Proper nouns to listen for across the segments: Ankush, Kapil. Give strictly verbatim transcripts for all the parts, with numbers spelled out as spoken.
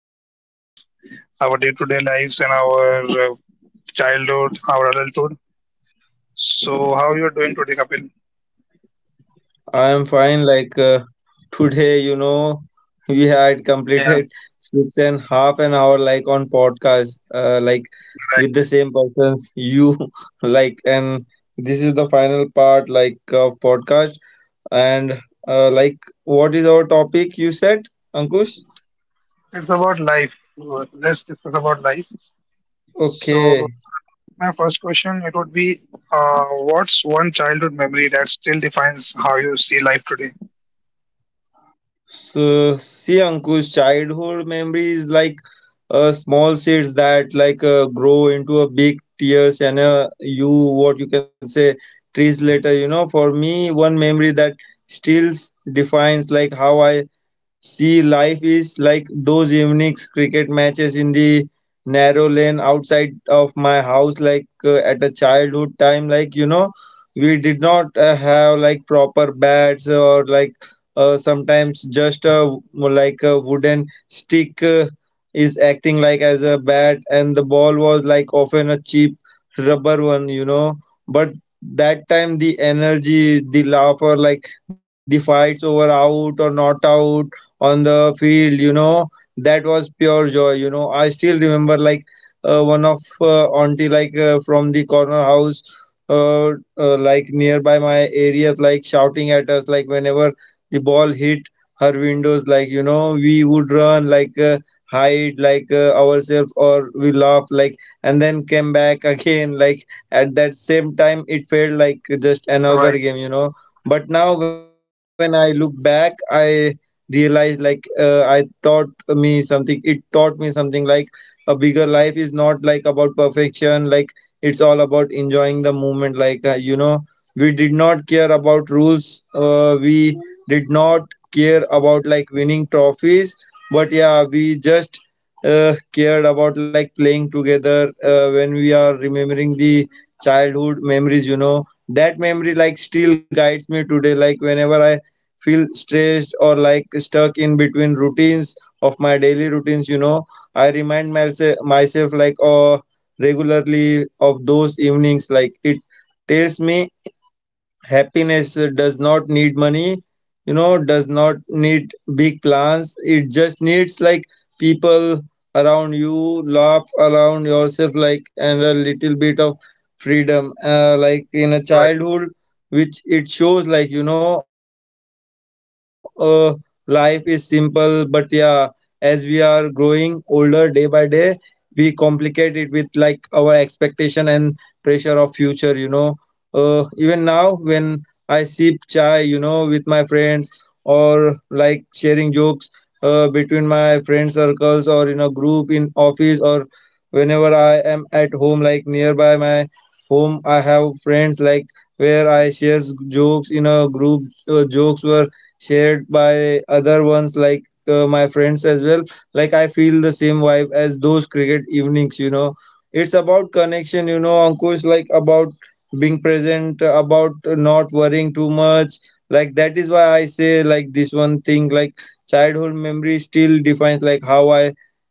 about life, our day-to-day lives, and our uh, childhood, our adulthood. So how you are doing today, Kapil? I am fine. Like uh, today, you know, we had Yeah, completed six and half an hour like on podcast, uh, like with the right. same persons. You like, and this is the final part like of podcast. And uh, like, what is our topic? You said, Ankush? It's about life. Let's discuss about life. So Okay. starting with my first question, it would be, uh, what's one childhood memory that still defines how you see life today? So, see, Ankush, childhood memories like uh, small seeds that like uh, grow into a big tears and uh, you what you can say trees later. You know, for me, one memory that still defines like how I see, life is like those evenings cricket matches in the narrow lane outside of my house, like uh, at a childhood time. Like, you know, we did not uh, have like proper bats, or like uh, sometimes just a, like a wooden stick uh, is acting like as a bat, and the ball was like often a cheap rubber one, you know. But that time, the energy, the laughter, like the fights over out or not out on the field, you know, that was pure joy, you know. I still remember like uh, one of uh, auntie like uh, from the corner house, uh, uh, like nearby my area, like shouting at us like whenever the ball hit her windows, like, you know, we would run like uh, hide like uh, ourselves, or we laugh like, and then came back again. Like at that same time it felt like just another Right, game, you know. But now when I look back, I realized like uh, I taught me something it taught me something like a bigger life is not like about perfection, like it's all about enjoying the moment, like uh, you know we did not care about rules, uh, we did not care about like winning trophies, but yeah we just uh, cared about like playing together uh, when we are remembering the childhood memories, you know. That memory like still guides me today. Like whenever I feel stressed or like stuck in between routines of my daily routines, you know, i remind myself myself like uh, regularly of those evenings. Like it tells me happiness uh, does not need money, you know, does not need big plans. It just needs like people around you, laugh around yourself, like, and a little bit of freedom, uh, like in a right. childhood, which it shows like, you know, uh, life is simple. But yeah, as we are growing older day by day, we complicate it with like our expectation and pressure of future, you know. Uh, even now when I sip chai, you know, with my friends, or like sharing jokes uh, between my friend circles, or in a group in office, or whenever I am at home, like nearby my home, I have friends like where I share jokes in a group. Uh, jokes were shared by other ones like uh, my friends as well. Like I feel the same vibe as those cricket evenings, you know. It's about connection, you know, Ankush, like about being present, about not worrying too much. Like that is why I say like this one thing, like childhood memory still defines like how I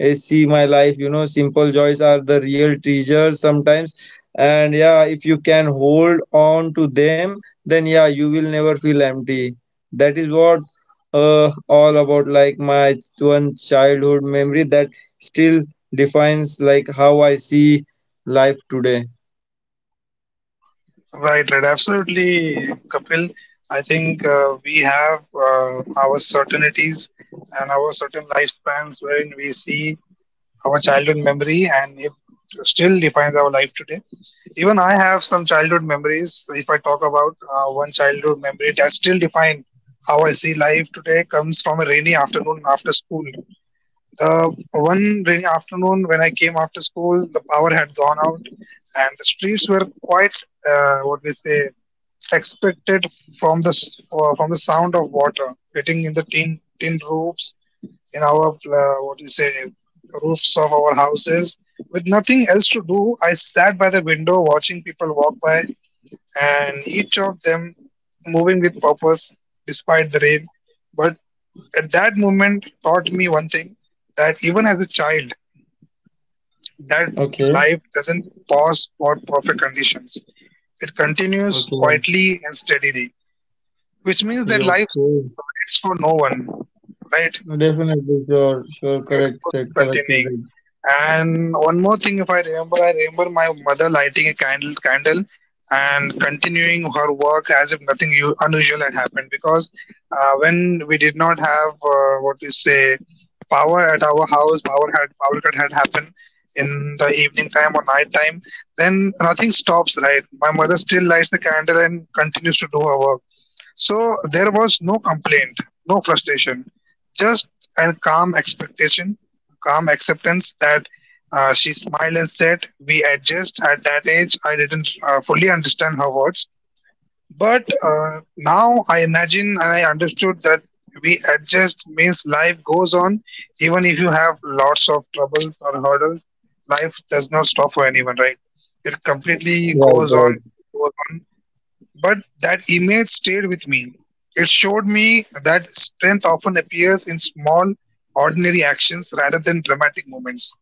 eh, see my life, you know. Simple joys are the real treasures sometimes, and yeah, if you can hold on to them, then yeah, you will never feel empty. That is what uh, all about, like, my one childhood memory that still defines like how I see life today. Right, right, absolutely, Kapil. I think uh, we have uh, our certainties and our certain lifespans wherein we see our childhood memory and it still defines our life today. Even I have some childhood memories. If I talk about uh, one childhood memory, it has still defined how I see life today, comes from a rainy afternoon after school. Uh, one rainy afternoon when I came after school, the power had gone out, and the streets were quite, uh, what we say, expected from the s- uh, from the sound of water hitting in the tin tin roofs in our uh, what do you say, roofs of our houses. With nothing else to do, I sat by the window watching people walk by, and each of them moving with purpose despite the rain. But at that moment taught me one thing, that even as a child, that Okay. life doesn't pause for perfect conditions. It continues Okay. quietly and steadily, which means that life Your course. waits for no one, right? Definitely, sure, sure. It goes Correct, on said correct. continuing. Is it And one more thing, if I remember, I remember my mother lighting a candle, candle, and continuing her work as if nothing u- unusual had happened. Because uh, when we did not have uh, what we say, power at our house, power had power cut had happened in the evening time or night time. Then nothing stops, right? My mother still lights the candle and continues to do her work, so there was no complaint, no frustration, just a calm expectation, calm acceptance. That uh, she smiled and said, "We adjust." At that age, I didn't uh, fully understand her words, but uh, now I imagine and I understood that we adjust means life goes on, even if you have lots of troubles or hurdles. Life does not stop for anyone, right? It completely goes right? on, Right. goes on. But that image stayed with me. It showed me that strength often appears in small, ordinary actions rather than dramatic moments.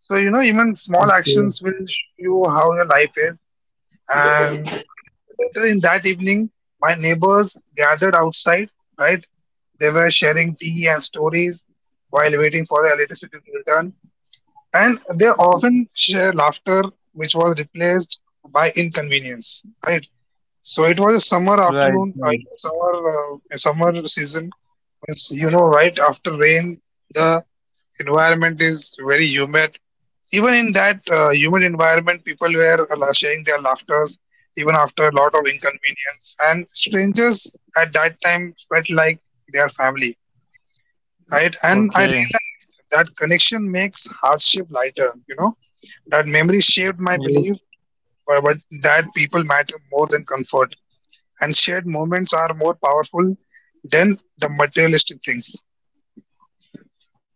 So, you know, even small actions Okay. will show you how your life is. And later in that evening, my neighbors gathered outside, right? They were sharing tea and stories while waiting for the electricity to return. And they often share laughter, which was replaced by inconvenience, right? So it was a summer Right, afternoon, uh, it right. was summer, uh, a summer season. Means, you know, right after rain, the environment is very humid. Even in that uh, humid environment, people were uh, sharing their laughters, even after a lot of inconvenience. And strangers at that time felt like their family, right? And I Okay. realized that connection makes hardship lighter, you know, that memory shaped my Yes. belief uh, but that people matter more than comfort, and shared moments are more powerful than the materialistic things.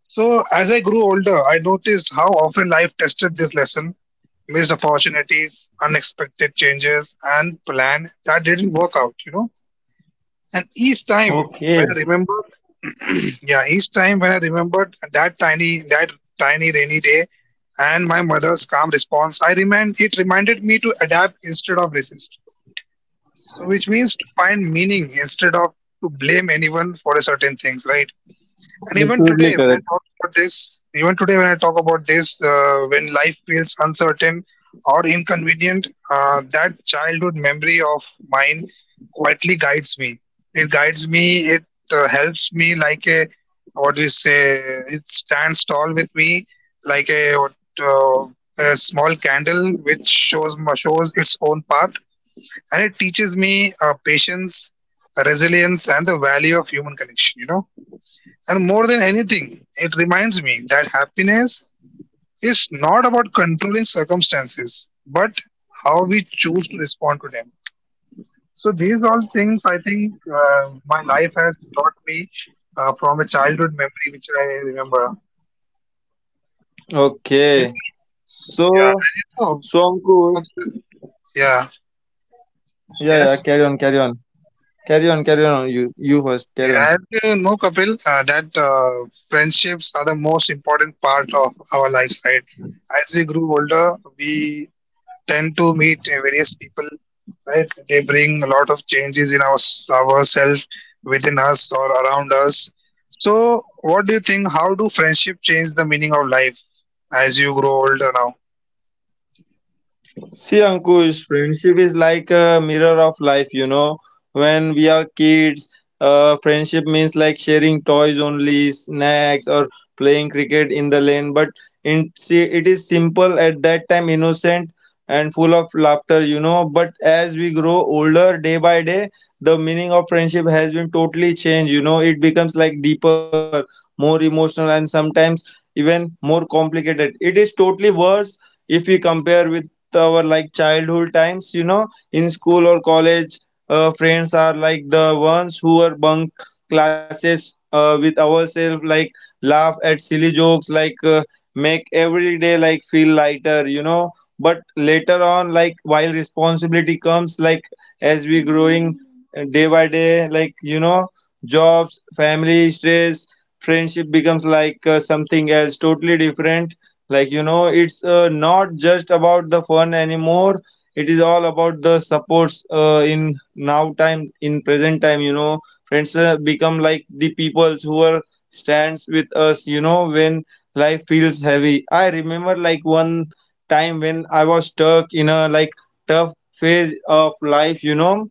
So as I grew older, I noticed how often life tested this lesson: missed opportunities, unexpected changes, and plan that didn't work out, you know. And each time Okay. when I remembered, yeah, each time when I remembered that tiny, that tiny rainy day, and my mother's calm response, I remind it reminded me to adapt instead of resist. So, which means to find meaning instead of to blame anyone for a certain things, right? And even today, Absolutely when I correct. talk about this, even today, when I talk about this, uh, when life feels uncertain or inconvenient, uh, that childhood memory of mine quietly guides me. It guides me, it uh, helps me like a, what we say, it stands tall with me like a, what, uh, a small candle which shows, shows its own path. And it teaches me uh, patience, resilience, and the value of human connection, you know? And more than anything, it reminds me that happiness is not about controlling circumstances, but how we choose to respond to them. So, these all things, I think, uh, my life has taught me uh, from a childhood memory which I remember. Okay. And like, So. yeah, and you know, Songko. one of the, yeah, Yeah, yeah, yes. carry on, carry on. Carry on, carry on. You you first, carry Yeah, on. as you know, Kapil, uh, that uh, friendships are the most important part of our lives, right? As we grew older, we tend to meet various people, right? They bring a lot of changes in our ourselves, within us or around us. So, what do you think? How do friendship change the meaning of life as you grow older now? See, Ankush, friendship is like a mirror of life, you know. When we are kids, uh, friendship means like sharing toys only, snacks, or playing cricket in the lane. But in see, it is simple at that time, innocent and full of laughter, you know. But as we grow older day by day, the meaning of friendship has been totally changed, you know. It becomes like deeper, more emotional, and sometimes even more complicated. It is totally worse if we compare with the our like childhood times, you know. In school or college, uh, friends are like the ones who are bunk classes uh, with ourselves, like laugh at silly jokes like, uh, make every day like feel lighter, you know. But later on, like while responsibility comes, like as we growing uh, day by day, like, you know, jobs, family, stress, friendship becomes like uh, something else totally different, like, you know, it's uh, not just about the fun anymore. It is all about the supports uh, in now time, in present time, you know. Friends uh, become like the peoples who are stands with us, you know, when life feels heavy. I remember like one time when I was stuck in a like tough phase of life, you know,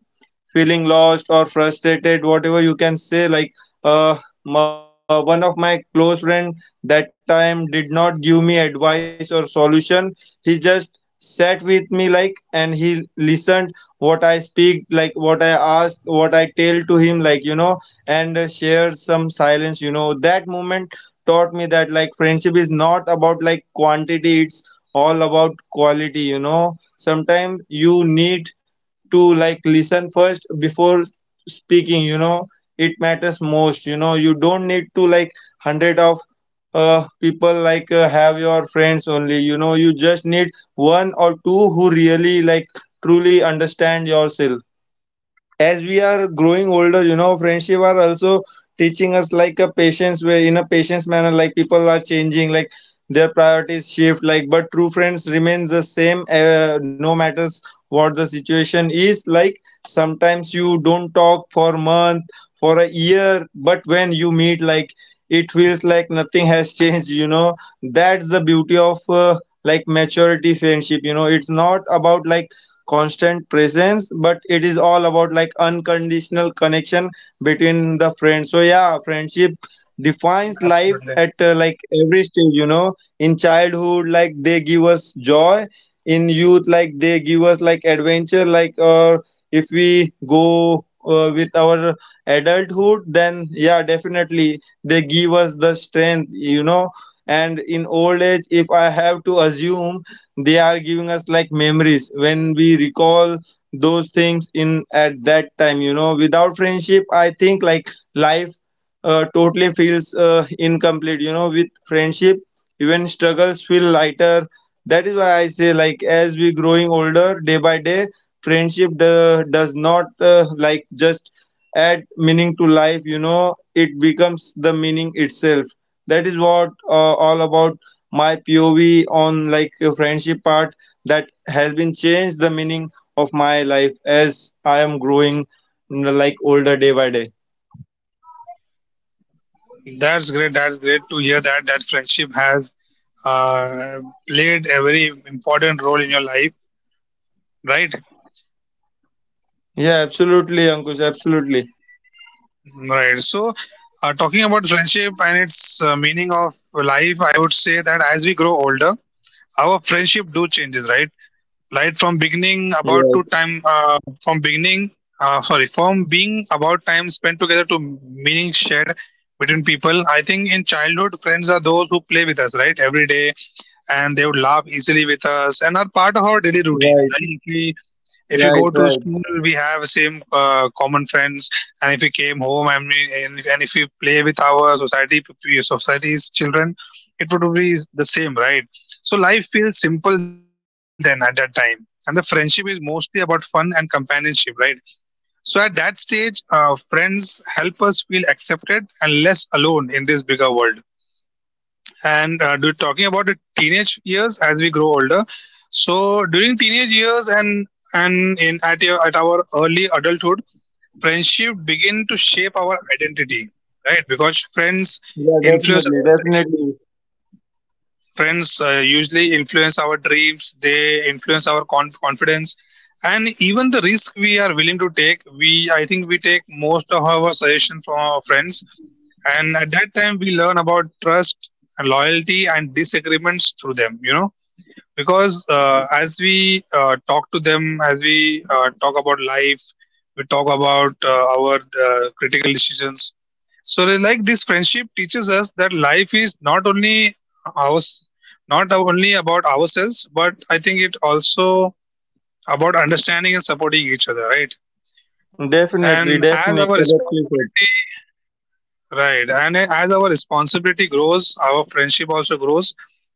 feeling lost or frustrated, whatever you can say, like uh, my, one of my close friend, that time did not give me advice or solution. He just sat with me like and he listened what I speak, like what I asked, what I tell to him, like, you know, and uh, shared some silence, you know. That moment taught me that like friendship is not about like quantity, it's all about quality, you know. Sometimes you need to like listen first before speaking, you know. It matters most, you know. You don't need to like hundred of uh people like, uh, have your friends only, you know. You just need one or two who really like truly understand yourself. As we are growing older, you know, friendship are also teaching us like a patience way, in a patience manner. Like people are changing, like their priorities shift, like, but true friends remains the same, uh, no matters what the situation is. Like sometimes you don't talk for a month, for a year, but when you meet, like it feels like nothing has changed, you know. That's the beauty of uh, like maturity friendship, you know. It's not about like constant presence, but it is all about like unconditional connection between the friends. So yeah, friendship defines life Absolutely. at uh, like every stage, you know. In childhood, like they give us joy. In youth, like they give us like adventure, like, or if we go uh, with our adulthood, then yeah, definitely they give us the strength, you know. And in old age, if I have to assume, they are giving us like memories when we recall those things in at that time, you know. Without friendship, I think like life uh, totally feels uh, incomplete, you know. With friendship, even struggles feel lighter. That is why I say, like as we growing older day by day, friendship do- does not uh, like just add meaning to life, you know. It becomes the meaning itself. That is what uh, all about my P O V on like a friendship part that has been changed the meaning of my life as I am growing, you like, older day by day. That's great. That's great to hear that that friendship has uh, played a very important role in your life, right? Yeah, absolutely, Ankush, absolutely. Right. So, uh, talking about friendship and its uh, meaning of life, I would say that as we grow older, our friendship do changes, right, right from beginning about Yeah, to time, uh, from beginning uh, sorry, from being about time spent together to meaning shared between people. I think in childhood, friends are those who play with us, right, every day, and they would laugh easily with us and are part of our daily routine. Like right, if we if you right, go to right. school, we have same uh, common friends. And if we came home and, we, and, if, and if we play with our society p- society's children, it would be the same, right? So life feels simple then at that time, and the friendship is mostly about fun and companionship, right? So at that stage, uh, friends help us feel accepted and less alone in this bigger world. And uh, do, talking about the teenage years as we grow older, so during teenage years and and in at your, at our early adulthood, friendship begin to shape our identity, right? Because friends Yeah, influence definitely, our definitely, dreams, Trends uh, usually influence our dreams, they influence our conf- confidence, and even the risk we are willing to take. We, I think, we take most of our suggestions from our friends, and at that time we learn about trust, loyalty, and disagreements through them. You know, because uh, as we uh, talk to them, as we uh, talk about life, we talk about uh, our uh, critical decisions. So, they like this friendship teaches us that life is not only ours, not only about ourselves, but I think it also about understanding and supporting each other, right? And definitely, as our definitely. Correctly said. responsibility Right. And as our responsibility grows, our friendship also grows.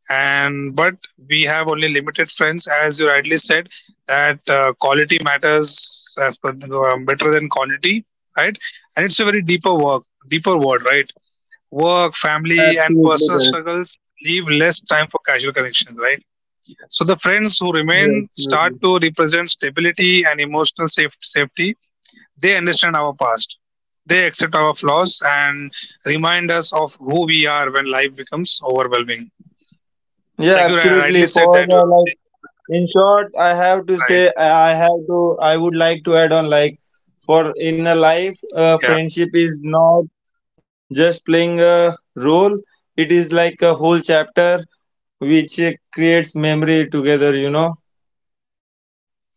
And but we have only limited friends, as you rightly said, that uh, quality matters as per, uh, better than quantity, right? And it's a very deeper work, deeper word, right? Work, Yeah, absolutely family, and correct. personal struggles leave less time for casual connections, right? So the friends who Yeah, remain absolutely. start to represent stability and emotional safe, safety. They understand our past. They accept our flaws and remind us of who we are when life becomes overwhelming. Yeah, Like you ri- rightly absolutely. said For that the, uh, like, you believe, In short, I have to right? say, I have to, I would like to add on like, for in a life, uh, Yeah, friendship is not just playing a role, it is like a whole chapter which uh, creates memory together, you know.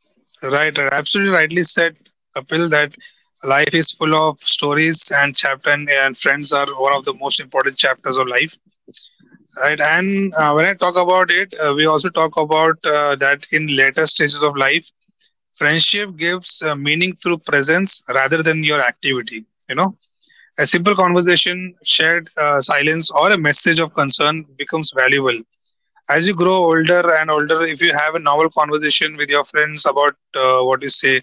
right, right. Absolutely rightly said, Kapil, that life is full of stories and chapter, and, and friends are one of the most important chapters of life, right? And uh, when I talk about it, uh, we also talk about uh, that in later stages of life, friendship gives uh, meaning through presence rather than your activity, you know. A simple conversation, shared uh, silence, or a message of concern becomes valuable. As you grow older and older, if you have a normal conversation with your friends about uh, what you say,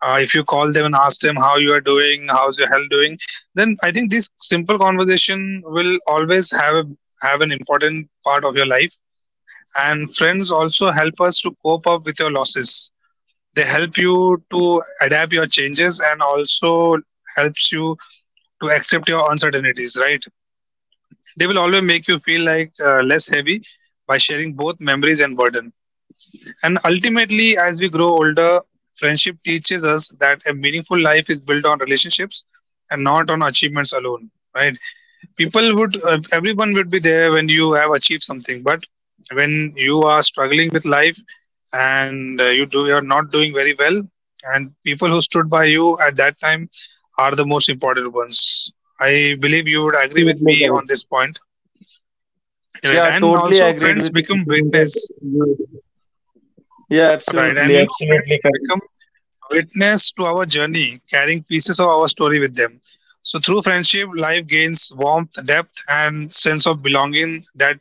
uh, if you call them and ask them how you are doing, how's your health doing, then I think this simple conversation will always have a have an important part of your life. And friends also help us to cope up with your losses, they help you to adapt your changes and also helps you to accept your uncertainties, right? They will always make you feel like uh, less heavy by sharing both memories and burden. And ultimately, as we grow Absolutely correct. older, friendship teaches us that a meaningful life is built on relationships and not on achievements alone. Right? People would, uh, everyone would be there when you have achieved something, but when you are struggling with life and uh, you do, you are not doing very well, and people who stood by you at that time are the most important ones. I believe you would agree with Absolutely me on correct. this point. Right. Yeah, And totally also, agreed friends with become you. That's witness, good. Yeah, right? absolutely, And you know, absolutely friends correct. become witness to our journey, carrying pieces of our story with them. So, through friendship, life gains warmth, depth, and sense of belonging that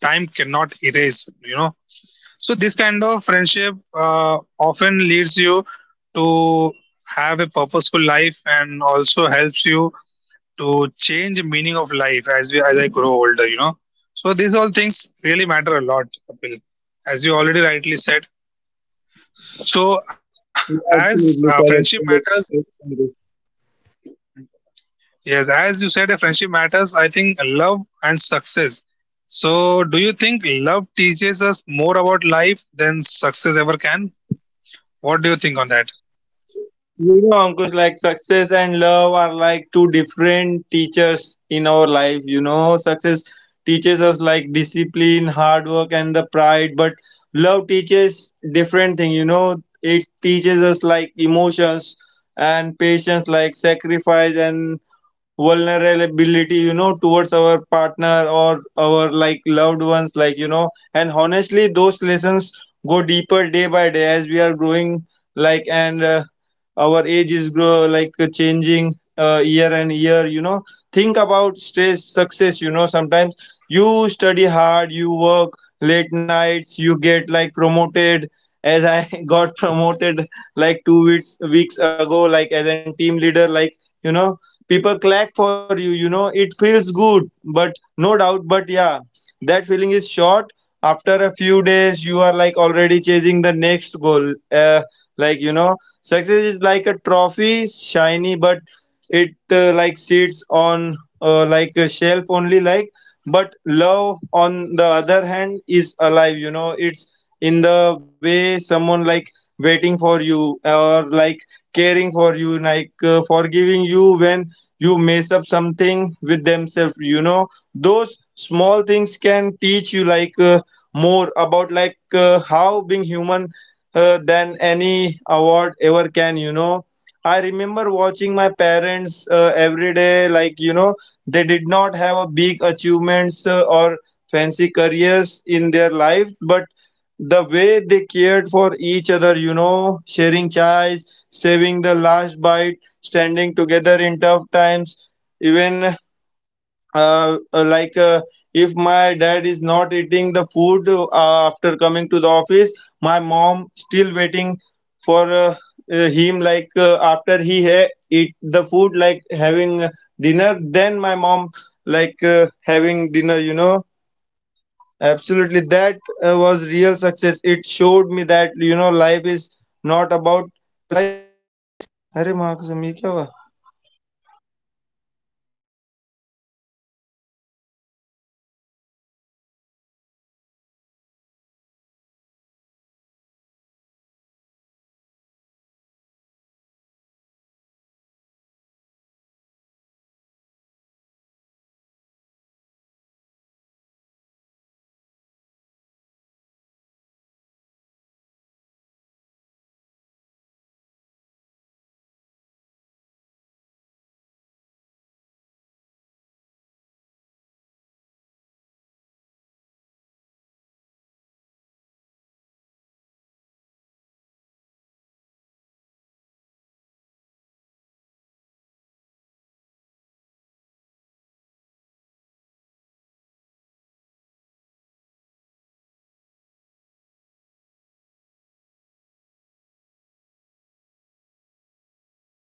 time cannot erase, you know. So, this kind of friendship uh, often leads you to have a purposeful life and also helps you to change the meaning of life as we as I grow older, you know. So these all things really matter a lot, Kapil, as you already rightly said. So Yeah, as uh, absolutely friendship correct, correct, matters, correct. Correct. yes, as you said, uh, friendship matters. I think love and success. So do you think love teaches us more about life than success ever can? What do you think on that? You know, Ankush, like success and love are like two different teachers in our life. You know, success teaches us like discipline, hard work, and the pride, but love teaches different thing. You know, it teaches us like emotions and patience, like sacrifice and vulnerability, you know, towards our partner or our like loved ones, like, you know, and honestly Yes, those lessons go deeper day by day as we are yes, Kapil. growing, like, and uh, our age is grow, like uh, changing uh, year and year, you know. Think about stress success, you know. Sometimes you study hard, you work late nights, you get like promoted, as I got promoted like two weeks weeks ago, like as a team leader, like, you know, people clap for you, you know, it feels good, but no doubt. But yeah, that feeling is short. After a few days you are like already chasing the next goal, uh, like, you know. Success is like a trophy, shiny, but it uh, like sits on uh, like a shelf only, like. But love, on the other hand, is alive, you know. It's in the way someone like waiting for you, or like caring for you, like uh, forgiving you when you mess up something with themselves, you know. Those small things can teach you like uh, more about like uh, how being human, uh, than any award ever can, you know. I remember watching my parents uh, every day, like, you know, they did not have a big achievements uh, or fancy careers in their life, but the way they cared for each other, you know, sharing chais, saving the last bite, standing together in tough times. Even uh, uh, like, uh, if my dad is not eating the food uh, after coming to the office, my mom still waiting for uh, uh, him, like uh, after he ha- eat the food, like having dinner, then my mom like uh, having dinner, you know. Absolutely that uh, was real success. It showed me that, you know, life is not about अरे माँ कसम ये क्या हुआ